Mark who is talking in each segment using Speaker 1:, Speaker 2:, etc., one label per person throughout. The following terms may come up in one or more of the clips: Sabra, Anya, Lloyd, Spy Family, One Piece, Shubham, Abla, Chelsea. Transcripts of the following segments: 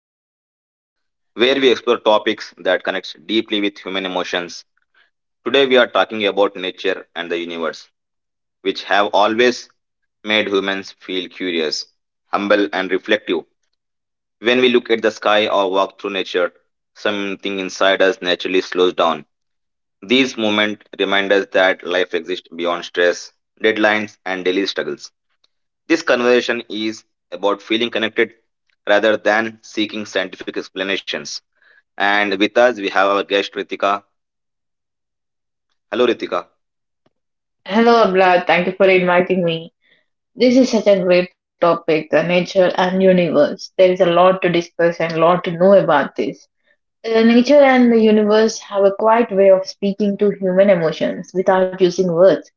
Speaker 1: podcast where we explore topics that connects deeply with human emotions. Today we are talking about nature and the universe, which have always made humans feel curious, humble and reflective. When we look at the sky or walk through nature, something inside us naturally slows down. These moments remind us that life exists beyond stress, deadlines and daily struggles. This conversation is about feeling connected rather than seeking scientific explanations. And with us, we have our guest Ritika. Hello, Ritika.
Speaker 2: Hello, Abla. Thank you for inviting me. This is such a great topic, the nature and universe. There is a lot to discuss and a lot to know about this. Nature and the universe have a quiet way of speaking to human emotions without using words.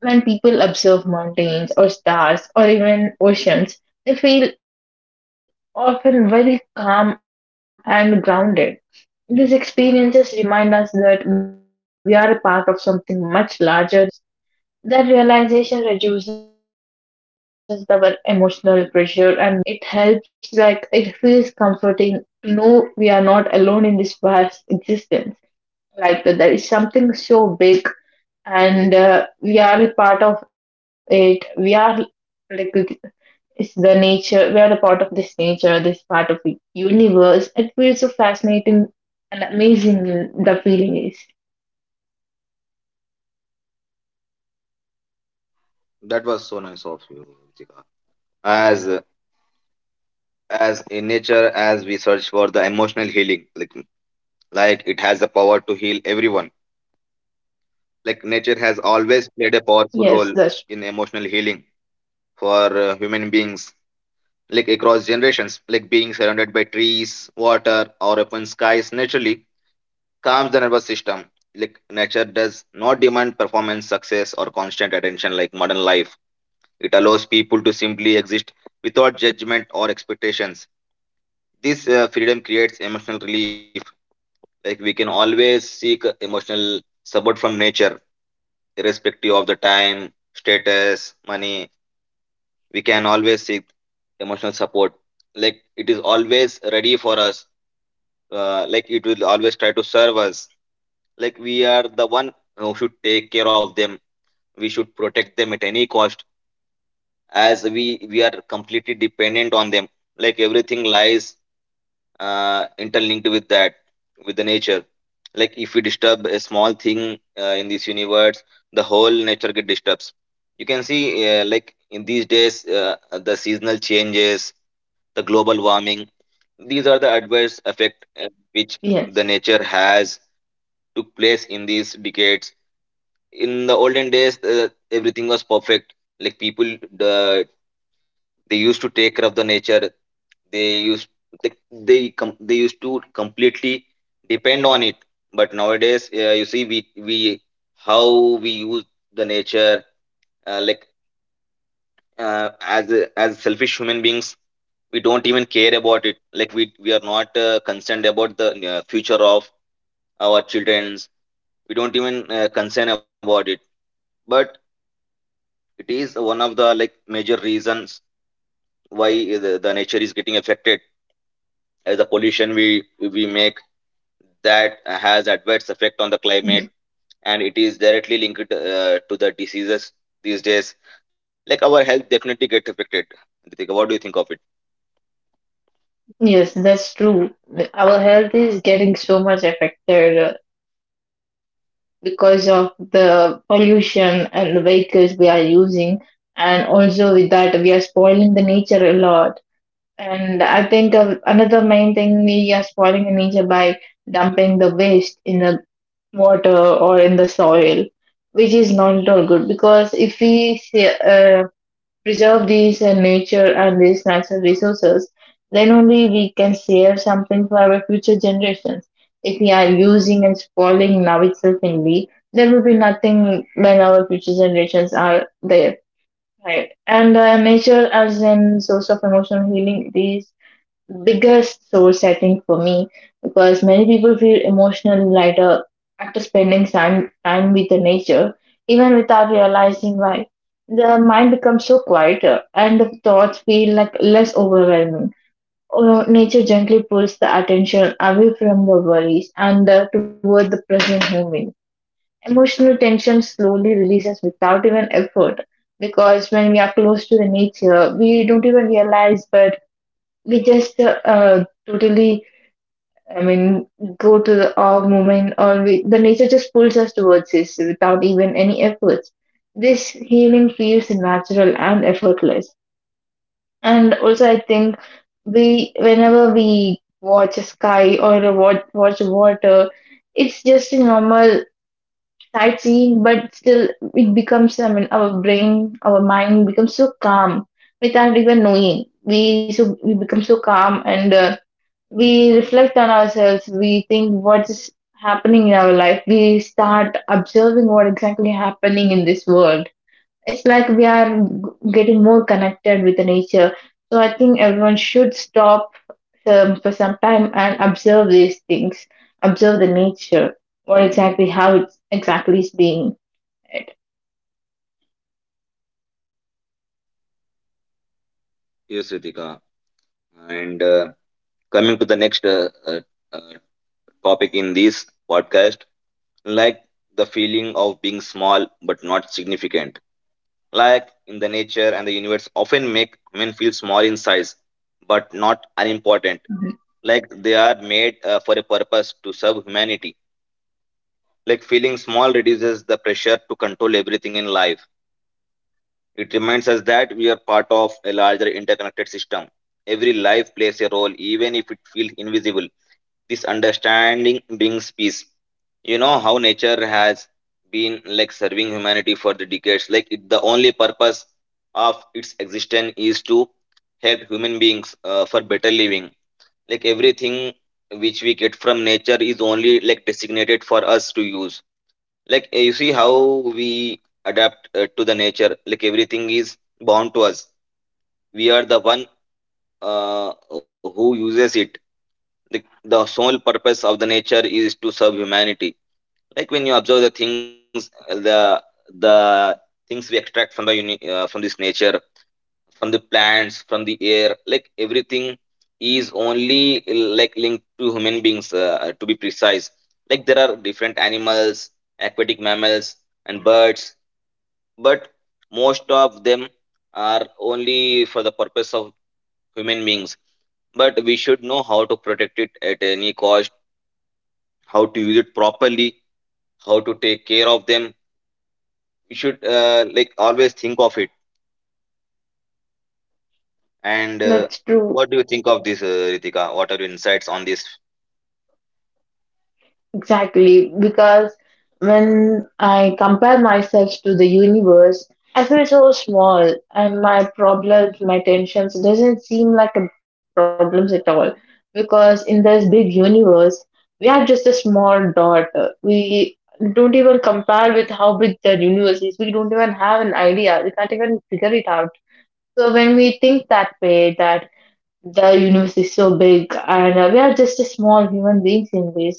Speaker 2: When people observe mountains or stars or even oceans, they feel often very calm and grounded. These experiences remind us that we are a part of something much larger than ourselves. That realization reduces the emotional pressure and mental noise. It helps, like, it feels comforting to know we are not alone in this vast existence. Like, that there is something so big, and we are a part of it. We are, like, it's the nature, we are the part of this nature, this part of the universe. It feels so fascinating and amazing, the feeling is.
Speaker 1: That was so nice of you, Ritika. As as in nature, as we search for the emotional healing, like it has the power to heal everyone. Like nature has always played a powerful role
Speaker 2: Yes,
Speaker 1: in
Speaker 2: that's,
Speaker 1: emotional healing for human beings, like across generations. Like being surrounded by trees, water, or open skies naturally calms the nervous system. Like nature does not demand performance, success, or constant attention like modern life. It allows people to simply exist without judgment or expectations. This freedom creates emotional relief. Like we can always seek emotional support from nature, irrespective of the time, status, money. We can always seek emotional support. Like it is always ready for us. Like it will always try to serve us. Like we are the one who should take care of them, we should protect them at any cost, as we are completely dependent on them. Like everything lies interlinked with that, with the nature. Like if we disturb a small thing in this universe, the whole nature get disturbs. You can see, like in these days, the seasonal changes, the global warming, these are the adverse effect which
Speaker 2: yes.
Speaker 1: the nature has took place in these decades. In the olden days, everything was perfect. Like people, uh, they used to take care of the nature. They used they they, com- they used to completely depend on it. But nowadays, you see, we how we use the nature, uh, like uh, as as selfish human beings, we don't even care about it. Like we are not concerned about the future of our childrens. We don't even concern about it. But it is one of the like major reasons why the nature is getting affected. As the pollution we make, that has adverse effect on the climate,
Speaker 2: Mm-hmm.
Speaker 1: and it is directly linked to the diseases these days. Like our health definitely get affected. Ritika, what do you think of it?
Speaker 2: Yes, that's true. Our health is getting so much affected because of the pollution and the vehicles we are using, and also with that, we are spoiling the nature a lot. And I think another main thing we are spoiling the nature by dumping the waste in the water or in the soil, which is not at all good because if we see, preserve these nature and these natural resources, then only we can save something for our future generations. If we are using and spoiling now itself only, there will be nothing when our future generations are there. Right. And nature as a source of emotional healing, these biggest source I think for me because many people feel emotional lighter after spending time with the nature, even without realizing why. The mind becomes so quieter and the thoughts feel like less overwhelming. Nature gently pulls the attention away from the worries and toward the present moment. Emotional tension slowly releases without even effort because when we are close to the nature, we don't even realize, but we just totally, I mean go to the awe moment, or we, the nature just pulls us towards this without even any efforts. This healing feels natural and effortless. And also I think we, whenever we watch a sky or a watch water, it's just a normal sightseeing, but still it becomes, I mean our brain, our mind becomes so calm without even knowing. We so we become so calm and we reflect on ourselves. We think what's happening in our life. We start observing what exactly happening in this world. It's like we are getting more connected with the nature. So I think everyone should stop for some time and observe these things, observe the nature, what exactly, how it exactly is being it.
Speaker 1: Yes, Ritika. And coming to the next uh, topic in this podcast, like the feeling of being small but not significant. Like in the nature and the universe often make men feel small in size, but not unimportant.
Speaker 2: Mhm.
Speaker 1: Like they are made for a purpose to serve humanity. Like feeling small reduces the pressure to control everything in life. It reminds us that we are part of a larger interconnected system. Every life plays a role, even if it feels invisible. This understanding brings peace. You know how nature has been like serving humanity for the decades. Like it, the only purpose of its existence is to help human beings for better living. Like everything which we get from nature is only like designated for us to use. Like you see how we adapt to the nature. Like everything is bound to us. We are the one who uses it. The sole purpose of the nature is to serve humanity. Like when you observe the things, the the things we extract from the from this nature, from the plants, from the air, like everything is only like linked to human beings, to be precise. Like there are different animals, aquatic mammals and birds, but most of them are only for the purpose of human beings. But we should know how to protect it at any cost, how to use it properly, how to take care of them. You should like always think of it. And
Speaker 2: That's true.
Speaker 1: what do you think of this, Ritika? What are your insights on this?
Speaker 2: Exactly, because when I compare myself to the universe, I feel so small and my problems, my tensions doesn't seem like a problems at all. Because in this big universe, we are just a small dot. We don't even compare with how big the universe is. We don't even have an idea. We can't even figure it out. So when we think that way, that the universe is so big and we are just a small human beings in this,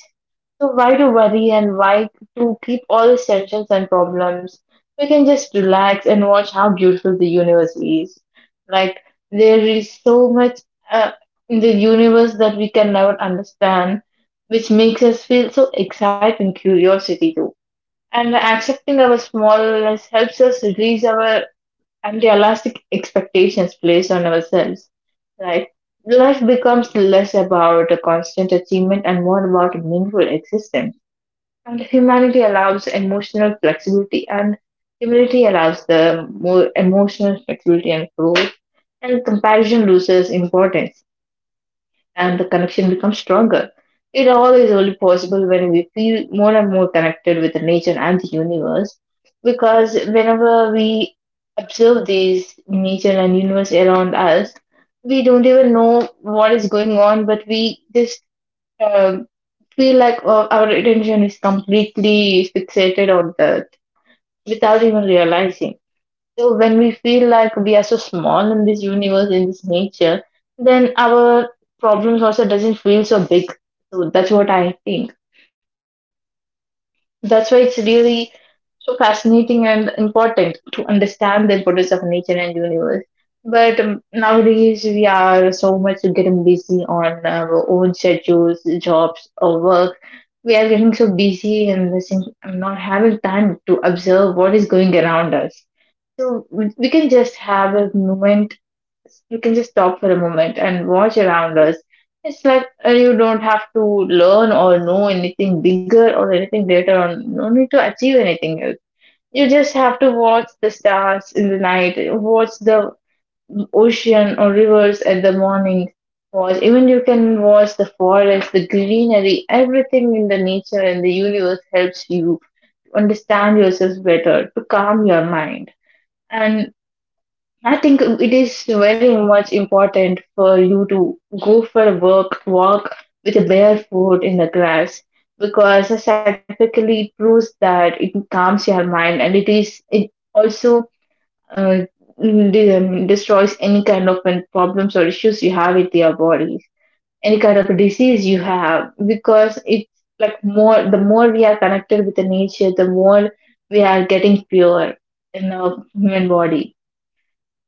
Speaker 2: so why to worry and why to keep all these tensions and problems? We can just relax and watch how beautiful the universe is. Like there is so much uh, in the universe that we can never understand, which makes us feel so excited and curiosity too. And accepting our smallness helps us release our unrealistic expectations placed on ourselves. Right? Life becomes less about a constant achievement and more about a meaningful existence. And humanity allows emotional flexibility, and humility allows the more emotional flexibility and growth. And comparison loses importance, and the connection becomes stronger. It all is only possible when we feel more and more connected with the nature and the universe, because whenever we observe these nature and universe around us, we don't even know what is going on, but we just um, feel like our attention is completely fixated on that without even realizing. So when we feel like we are so small in this universe, in this nature, then our problems also doesn't feel so big. So that's what I think. That's why it's really so fascinating and important to understand the importance of nature and universe. But nowadays we are so much getting busy on our own schedules, jobs, or work. We are getting so busy and this thing- not having time to observe what is going around us. So we can just have a moment. We can just stop for a moment and watch around us. It's like you don't have to learn or know anything bigger or anything later on. No need to achieve anything else. You just have to watch the stars in the night, watch the ocean or rivers at the morning, watch, even you can watch the forest, the greenery. Everything in the nature and the universe helps you to understand yourself better, to calm your mind. And I think it is very much important for you to go for a work walk with a bare foot in the grass, because scientifically it proves that it calms your mind, and it also uh, destroys any kind of problems or issues you have with your body, any kind of disease you have. Because it's like more, the more we are connected with the nature, the more we are getting pure in our human body.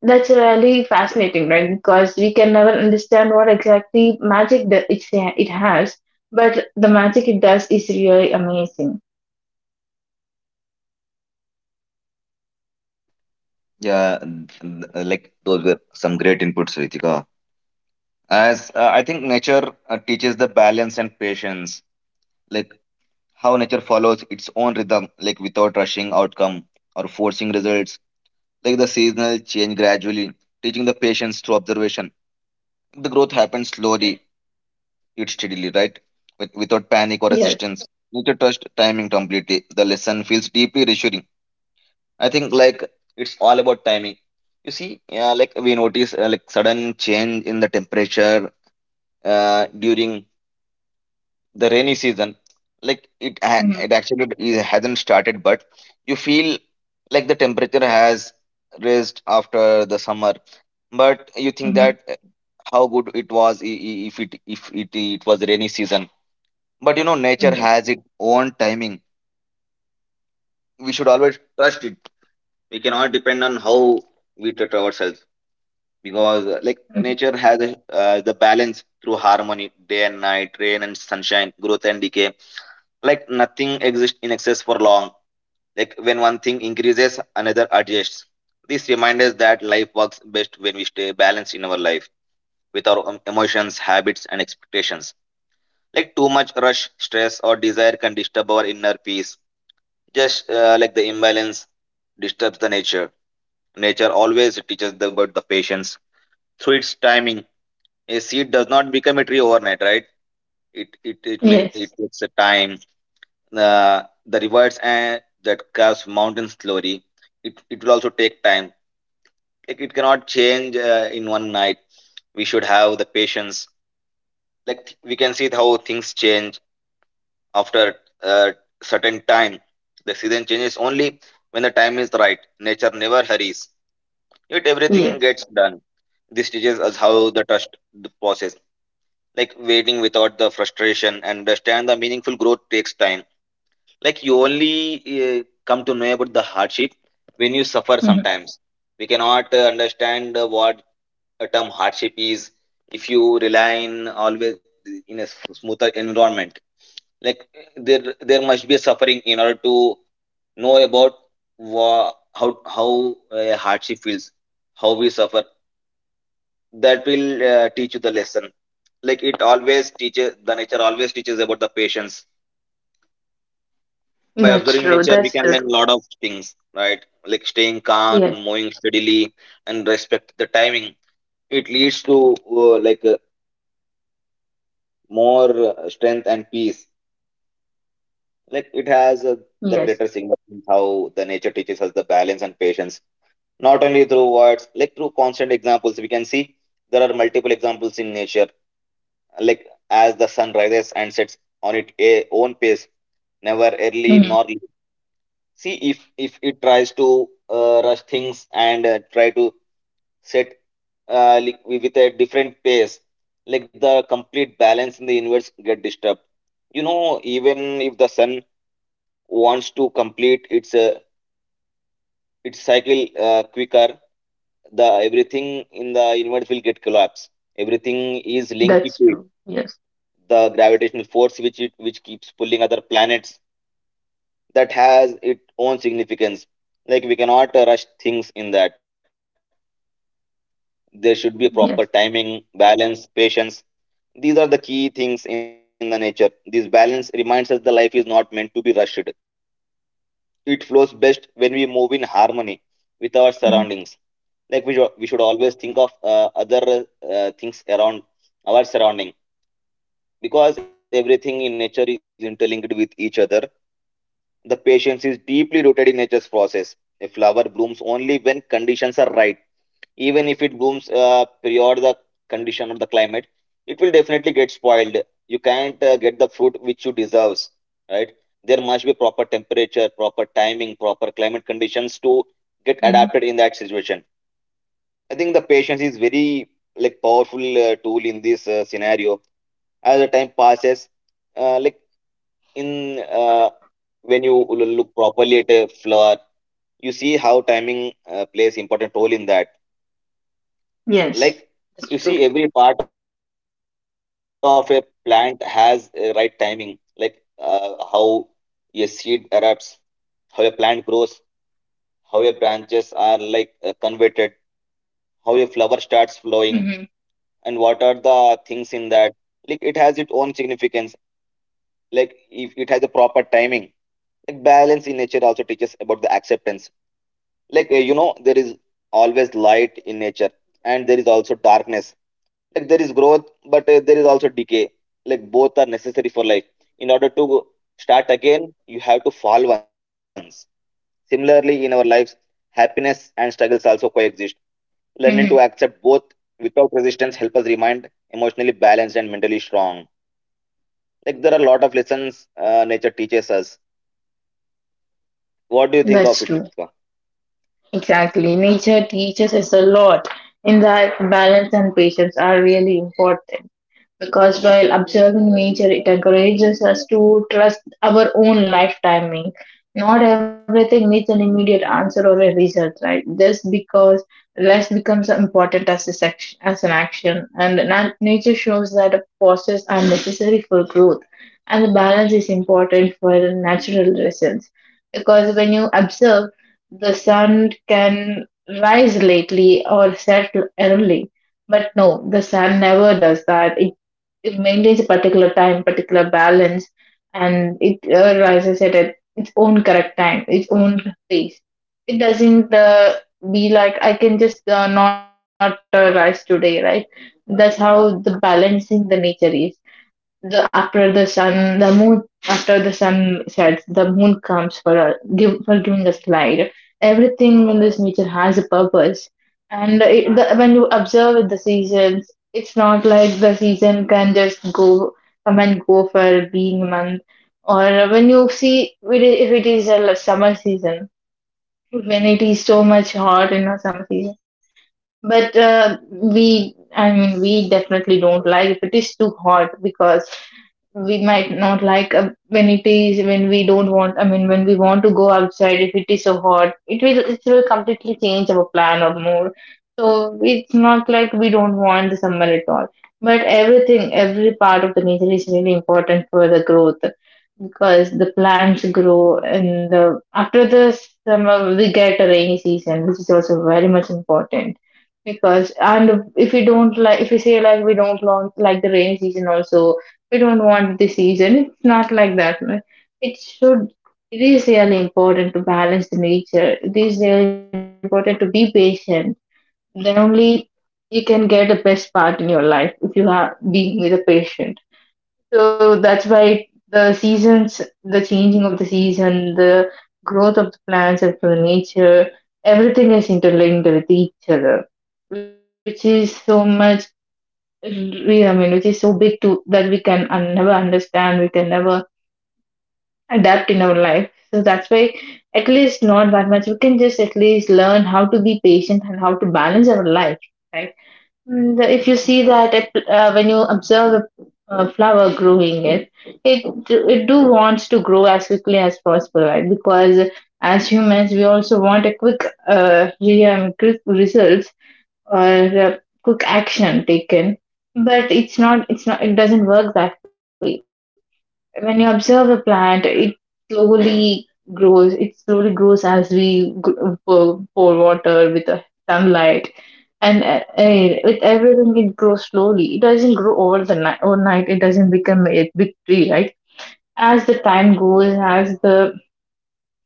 Speaker 2: That's really fascinating, right? Because we can never understand what exactly magic that it has, but the magic it does is really amazing.
Speaker 1: Yeah, like those were some great inputs, Ritika. As I think nature teaches the balance and patience, like how nature follows its own rhythm, like without rushing outcome or forcing results, like the seasonal change gradually, teaching the patience through observation. The growth happens slowly, it steadily, right? With, without panic or
Speaker 2: Yes.
Speaker 1: assistance. Need to trust timing completely. The lesson feels deeply reassuring. I think like it's all about timing. You see, yeah, like we notice like sudden change in the temperature during the rainy season. Like it, ha-
Speaker 2: Mm-hmm.
Speaker 1: it actually it hasn't started, but you feel like the temperature has raised after the summer. But you think
Speaker 2: Mm-hmm.
Speaker 1: that how good it was, if it it was rainy season. But you know, nature
Speaker 2: Yes.
Speaker 1: has its own timing. We should always trust it. We cannot depend on how we treat ourselves. Because, like,
Speaker 2: Mhm.
Speaker 1: nature has a, the balance through harmony, day and night, rain and sunshine, growth and decay. Like, nothing exists in excess for long. Like, when one thing increases, another adjusts. This reminds us that life works best when we stay balanced in our life with our emotions, habits, and expectations. Like, too much rush, stress, or desire can disturb our inner peace, just like the imbalance disturbs the nature. Nature always teaches about the patience through its timing. A seed does not become a tree overnight, right? it it it may
Speaker 2: Yes.
Speaker 1: it takes a time. uh, the rivers and that curves mountains slowly, it will also take time. Like it cannot change in one night. We should have the patience. Like we can see how things change after a certain time. The season changes only when the time is right. Nature never hurries, it everything
Speaker 2: Yes.
Speaker 1: gets done. This teaches us how the trust the process, like waiting without the frustration, and understand the meaningful growth takes time. Like you only come to know about the hardship when you suffer
Speaker 2: Hmm.
Speaker 1: sometimes. We cannot understand what a term hardship is if you rely in always in a smoother environment. Like there must be a suffering in order to know about wha- how how hardship feels, how we suffer. That will teach you the lesson. Like it always teaches, the nature always teaches about the patience. By
Speaker 2: That's
Speaker 1: observing
Speaker 2: true.
Speaker 1: nature, we
Speaker 2: That's
Speaker 1: can learn
Speaker 2: true.
Speaker 1: a lot of things, right? Like staying calm,
Speaker 2: Yes.
Speaker 1: moving steadily, and respect the timing. It leads to more strength and peace. Like it has
Speaker 2: Yes.
Speaker 1: the greater significance how the nature teaches us the balance and patience. Not only through words, like through constant examples, we can see there are multiple examples in nature, like as the sun rises and sets on its own pace, never early
Speaker 2: Hmm.
Speaker 1: nor late. See, if it tries to rush things and try to set with a different pace, like the complete balance in the universe get disturbed. You know, even if the sun wants to complete its cycle quicker, the everything in the universe will get collapsed. Everything is
Speaker 2: That's
Speaker 1: linked
Speaker 2: true.
Speaker 1: to it.
Speaker 2: Yes.
Speaker 1: The gravitational force which it which keeps pulling other planets, that has its own significance. Like we cannot rush things in that. There should be a proper
Speaker 2: Yes.
Speaker 1: timing, balance, patience. These are the key things in the nature. This balance reminds us the life is not meant to be rushed. It flows best when we move in harmony with our
Speaker 2: Hmm.
Speaker 1: surroundings. Like should we should always think of other things around our surrounding, because everything in nature is interlinked with each other. The patience is deeply rooted in nature's process. A flower blooms only when conditions are right. Even if it blooms period the condition or the climate, it will definitely get spoiled. You can't get the fruit which you deserves, right? There must be proper temperature, proper timing, proper climate conditions to get
Speaker 2: Hmm.
Speaker 1: adapted in that situation. I think the patience is very like powerful tool in this scenario. As the time passes, like in when you will look properly at a flower, you see how timing plays important role in that.
Speaker 2: Yes.
Speaker 1: Like you
Speaker 2: That's
Speaker 1: see,
Speaker 2: true.
Speaker 1: every part of a plant has a right timing. Like how a seed erupts, how a plant grows, how your branches are like converted, how a flower starts flowing, and what
Speaker 2: Hmm.
Speaker 1: are the things in that. Like it has its own significance. Like if it has a proper timing. Like balance in nature also teaches about the acceptance, you know there is always light in nature and there is also darkness. Like there is growth, but there is also decay. Like both are necessary for life. In order to start again, you have to fall once. Similarly, in our lives, happiness and struggles also coexist. Learning to
Speaker 2: Hmm.
Speaker 1: accept both without resistance help us remain emotionally balanced and mentally strong. Like there are a lot of lessons nature teaches us. What do you think of
Speaker 2: That's
Speaker 1: it,
Speaker 2: true.
Speaker 1: Ritika?
Speaker 2: Exactly. Nature teaches us a lot, in that balance and patience are really important, because while observing nature, it encourages us to trust our own life timing. Not everything needs an immediate answer or a result, right? Just because less becomes important as a section, as an action, and nature shows that a process are necessary for growth, and the balance is important for the natural reasons. Because when you observe, the sun can rise lately or set early, but no, the sun never does that. It maintains a particular time, particular balance, and it rises at a, its own correct time, its own pace. It doesn't be like I can just not rise today, right? That's how the balancing the nature is. The after the sun, the moon, after the sun sets, the moon comes for a, give for giving us light. Everything in this nature has a purpose. And it, the, when you observe the seasons, it's not like the season can just go, come and go for being a month. Or when you see it, I- if it is a summer season, when it is so much hot in a summer season, but we, I mean we definitely don't like if it is too hot, because we might not like when it is, when we don't want, I mean when we want to go outside, if it is so hot, it will completely change our plan or mood. So it's not like we don't want the summer at all, but everything, every part of the nature is really important for the growth, because the plants grow in the, after the summer we get a rainy season, which is also very much important. Because, and if we don't like, if we say like we don't want like the rainy season also, we don't want this season, it's not like that. It should, it is really important to balance the nature, it is really important to be patient. Then only you can get the best part in your life if you are being with a patient. So that's why the seasons, the changing of the season, the growth of the plants and the nature, everything is interlinked with each other, which is so much, I mean, which is so big to that we can never understand, we can never adapt in our life. So that's why, at least not that much, we can just at least learn how to be patient and how to balance our life, right? Mm, If you see that it, when you observe a flower growing, it it do wants to grow as quickly as possible, right? Because as humans, we also want a quick quick results or quick action taken, but it's not, it doesn't work that way. When you observe a plant, it slowly grows. It slowly grows as we pour, pour water with the sunlight, and with everything, it grows slowly. It doesn't grow over the night. Overnight, it doesn't become a big tree, right? As the time goes, as the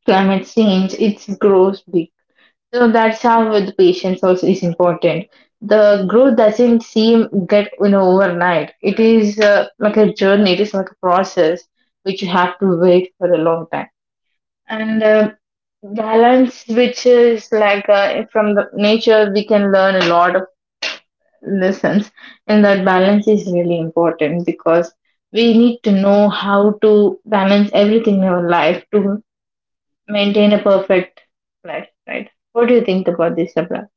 Speaker 2: climate change, it grows big. So that's how the patience also is important. The growth doesn't seem get overnight. It is like a journey. It is like a process which you have to wait for a long time. And Balance, which is like from the nature, we can learn a lot of lessons, and that balance is really important because we need to know how to balance everything in our life to maintain a perfect life. Right? What do you think about this, Sabra?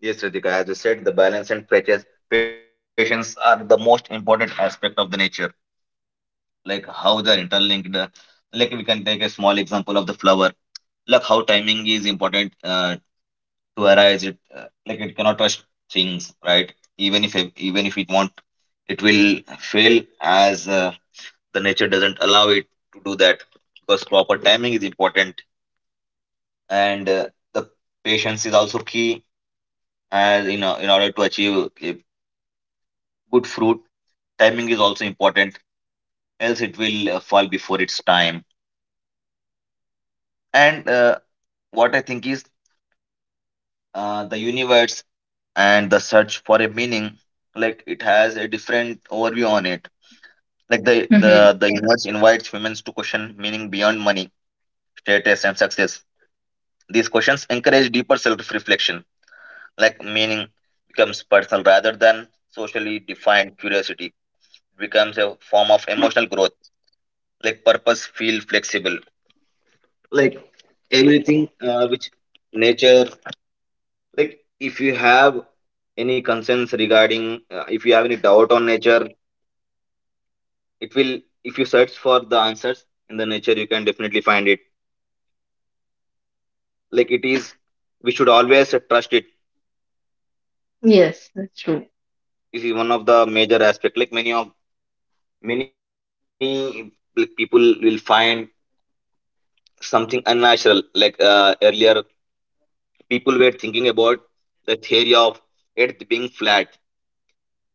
Speaker 1: Yes, Ritika, as you said, the balance and patience are the most important aspect of the nature, like how they're interlinked. Like we can take a small example of the flower, like how timing is important to arise it. Like it cannot rush things, right? Even if it want, it will fail, as the nature doesn't allow it to do that because proper timing is important. And the patience is also key, as in order to achieve a good fruit, timing is also important, else it will fall before its time. And uh, what i think is uh, the universe and the search for a meaning, like it has a different overview on it. Like the universe invites humans to question meaning beyond money, status, and success. These questions encourage deeper self-reflection. Like meaning becomes personal rather than socially defined. Curiosity becomes a form of emotional growth. Like purpose feel flexible. Like everything which nature, like if you have any concerns regarding, if you have any doubt on nature, it will, if you search for the answers in the nature, you can definitely find it. Like it is, we should always trust it.
Speaker 2: Yes, that's true.
Speaker 1: This is one of the major aspect. Like many people will find something unnatural, like earlier people were thinking about the theory of earth being flat.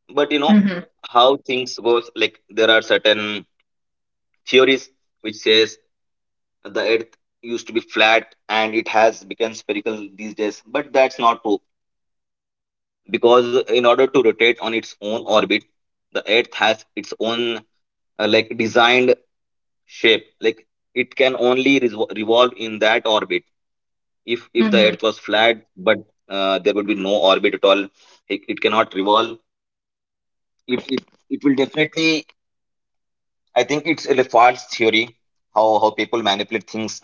Speaker 1: But you know
Speaker 2: Mhm.
Speaker 1: how things goes. Like there are certain theories which says the earth used to be flat and it has become spherical these days, but that's not true, because in order to rotate on its own orbit, the earth has its own like designed shape. Like it can only revolve in that orbit. If the earth
Speaker 2: Mhm.
Speaker 1: was flat, but there would be no orbit at all. It cannot revolve. It, it it will definitely, I think it's a false theory. How people manipulate things.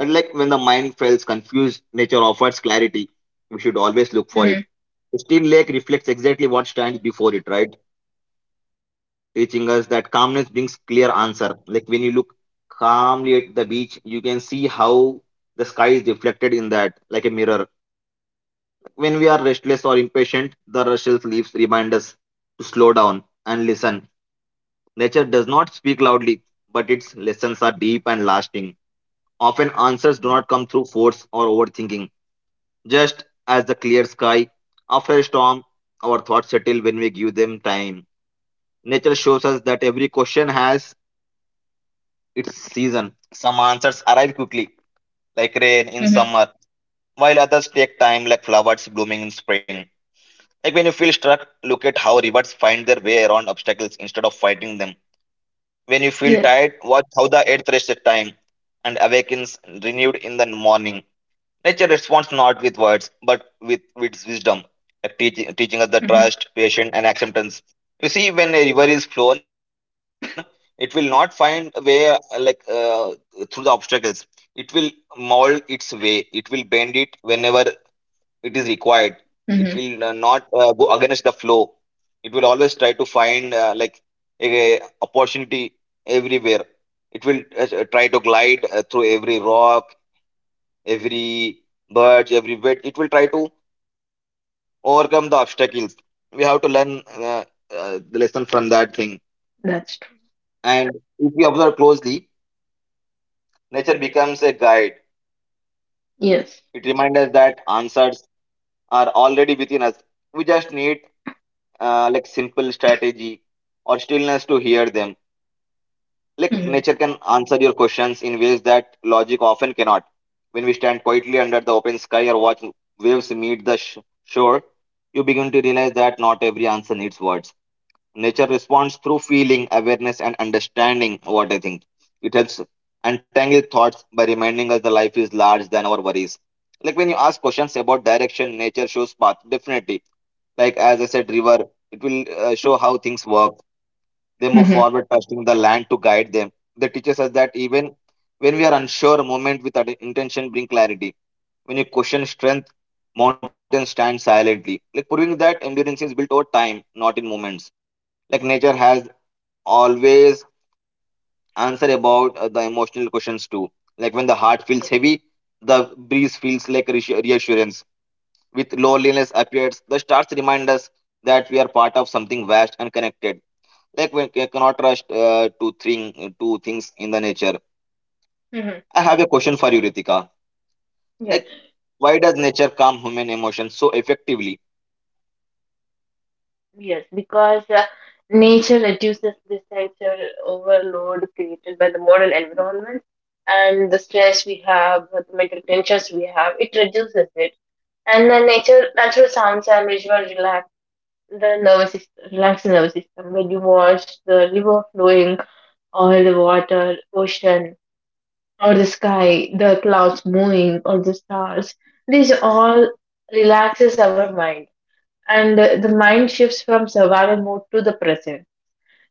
Speaker 1: And like when the mind feels confused, nature offers clarity. We should always look for
Speaker 2: Mhm.
Speaker 1: it. Still lake reflects exactly what stands before it, right? Teaching us that calmness brings clear answer. Like when you look calmly at the beach, you can see how the sky is reflected in that, like a mirror. When we are restless or impatient, the rustled leaves remind us to slow down and listen. Nature does not speak loudly, but its lessons are deep and lasting. Often answers do
Speaker 2: Mhm.
Speaker 1: not come through force or overthinking. Just as the clear sky after a storm, our thoughts settle when we give them time. Nature shows us that every question has its season. Some answers arrive quickly, like rain in
Speaker 2: Mhm.
Speaker 1: summer, while others take time, like flowers blooming in spring. Like when you feel stuck, look at how rivers find their way around obstacles instead of fighting them. When you feel
Speaker 2: Yes.
Speaker 1: tired, watch how the earth wastes time and awakens renewed in the morning. Nature responds not with words, but with wisdom, like teaching us the
Speaker 2: Mhm.
Speaker 1: trust, patience, and acceptance. You see, when a river is flown, it will not find a way through the obstacles. It will mold its way. It will bend it whenever it is required. It will
Speaker 2: Mhm.
Speaker 1: not go against the flow. It will always try to find like a opportunity everywhere. It will try to glide through every rock, every birds, every weight. It will try to overcome the obstacles. We have to learn the lesson from that thing.
Speaker 2: That's true.
Speaker 1: And if we observe closely, nature becomes a guide.
Speaker 2: Yes.
Speaker 1: It reminds us that answers are already within us. We just need like simple strategy or stillness to hear them. Like
Speaker 2: Mhm.
Speaker 1: nature can answer your questions in ways that logic often cannot. When we stand quietly under the open sky or watch waves meet the shore, you begin to realize that not every answer needs words. Nature responds through feeling, awareness, and understanding, what I think. It helps untangle thoughts by reminding us the life is large than our worries. Like when you ask questions about direction, nature shows path, definitely. Like as I said, river, it will show how things work. They move
Speaker 2: Mhm.
Speaker 1: forward, trusting the land to guide them. They teaches us that even when we are unsure, movement with intention bring clarity. When you question strength, mountains stand silently, like proving that endurance is built over time, not in moments. Like nature has always answer about the emotional questions too. Like when the heart feels
Speaker 2: Yes.
Speaker 1: heavy, the breeze feels like reassurance. With loneliness appears, the stars remind us that we are part of something vast and connected. Like we cannot trust two things in the nature.
Speaker 2: Mhm.
Speaker 1: I have a question for you, Ritika.
Speaker 2: Yes,
Speaker 1: Like why does nature calm human emotions so effectively?
Speaker 2: yes, because nature reduces this sensory overload created by the modern environment, and the stress we have, the mental tensions we have, it reduces it. And the nature, natural sounds and visual relax the nervous system, relax the nervous system. When you watch the river flowing or the water, ocean, or the sky, the clouds moving, or the stars. This all relaxes our mind, and the mind shifts from survival mode to the present.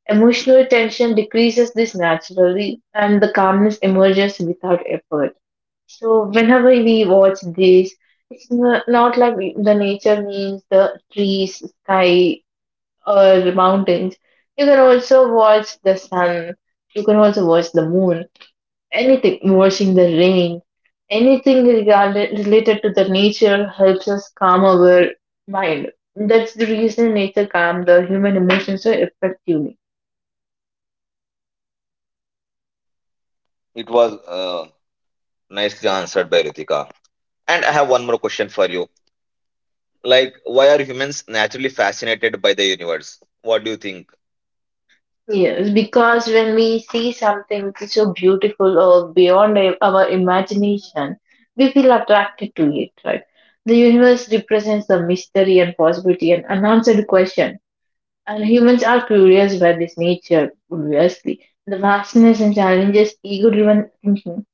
Speaker 2: Emotional tension decreases this naturally, and the calmness emerges without effort. So, whenever we watch this, not like the nature means the trees, sky, or mountains. You can also watch the sun. You can also watch the moon. Anything, watching the rain, anything related to the nature helps us calm our mind. That's the reason nature calms the human emotions so effectively.
Speaker 1: It was uh, nicely answered by Ritika, and I have one more question for you. Like why are humans naturally fascinated by the universe? What do you think?
Speaker 2: Yes, because when we see something which is so beautiful or beyond our imagination, we feel attracted to it, right? The universe represents the mystery and possibility and unanswered question. And humans are curious by this nature, obviously. The vastness and challenges ego driven thinking.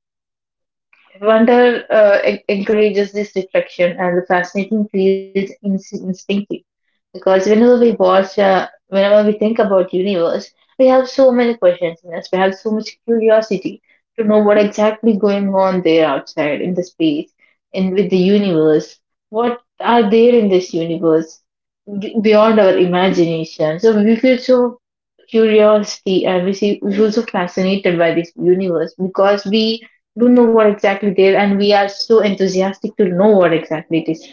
Speaker 2: Wonder encourages this reflection, and the fascinating feels instinctive because whenever we think about universe, we have so many questions in us. We have so much curiosity to know what exactly going on there outside in the space and with the universe. What are there in this universe beyond our imagination? So we feel so curiosity, and we feel so fascinated by this universe because we don't know what exactly there and we are so enthusiastic to know what exactly it is.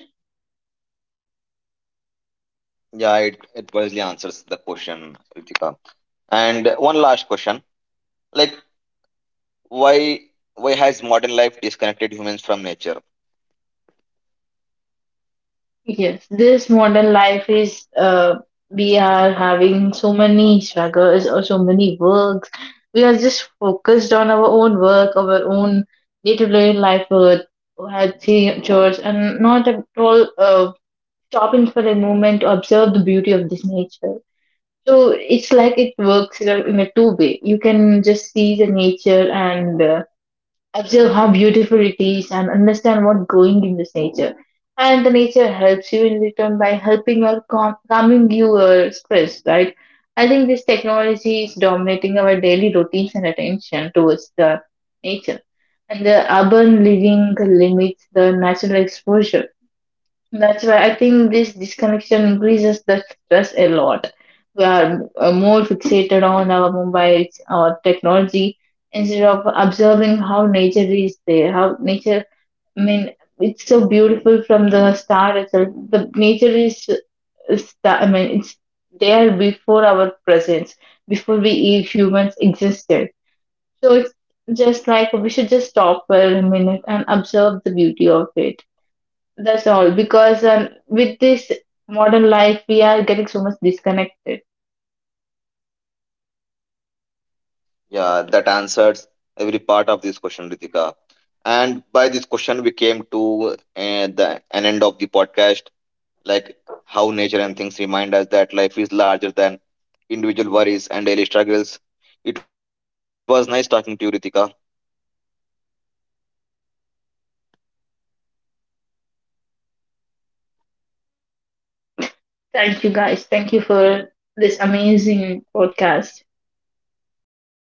Speaker 1: Yeah, it wisely answers the question, Ritika. And one last question, like why why has modern life disconnected humans from nature?
Speaker 2: Yes, this modern life is we are having so many struggles or so many works, we are just focused on our own work, our own day-to-day life at the church and not at all stopping for a moment to observe the beauty of this nature. So it's like it works in a two way. You can just see the nature and observe how beautiful it is and understand what's going in this nature. And the nature helps you in return by helping or calming your stress, right? I think this technology is dominating our daily routines and attention towards the nature. And the urban living limits the natural exposure. That's why I think this disconnection increases the stress a lot. We are more fixated on our mobiles, our technology, instead of observing how nature is there. How nature, I mean, it's so beautiful from the start itself. The nature is, I mean, it's there before our presence, before we humans existed. So it's just like we should just stop for a minute and observe the beauty of it. That's all because with this modern life, we are getting so much disconnected.
Speaker 1: Yeah, that answers every part of this question, Ritika. And by this question, we came to the an end of the podcast. Like how nature and things remind us that life is larger than individual worries and daily struggles. It was nice talking to you, Ritika.
Speaker 2: Thank you guys. Thank you for this amazing podcast.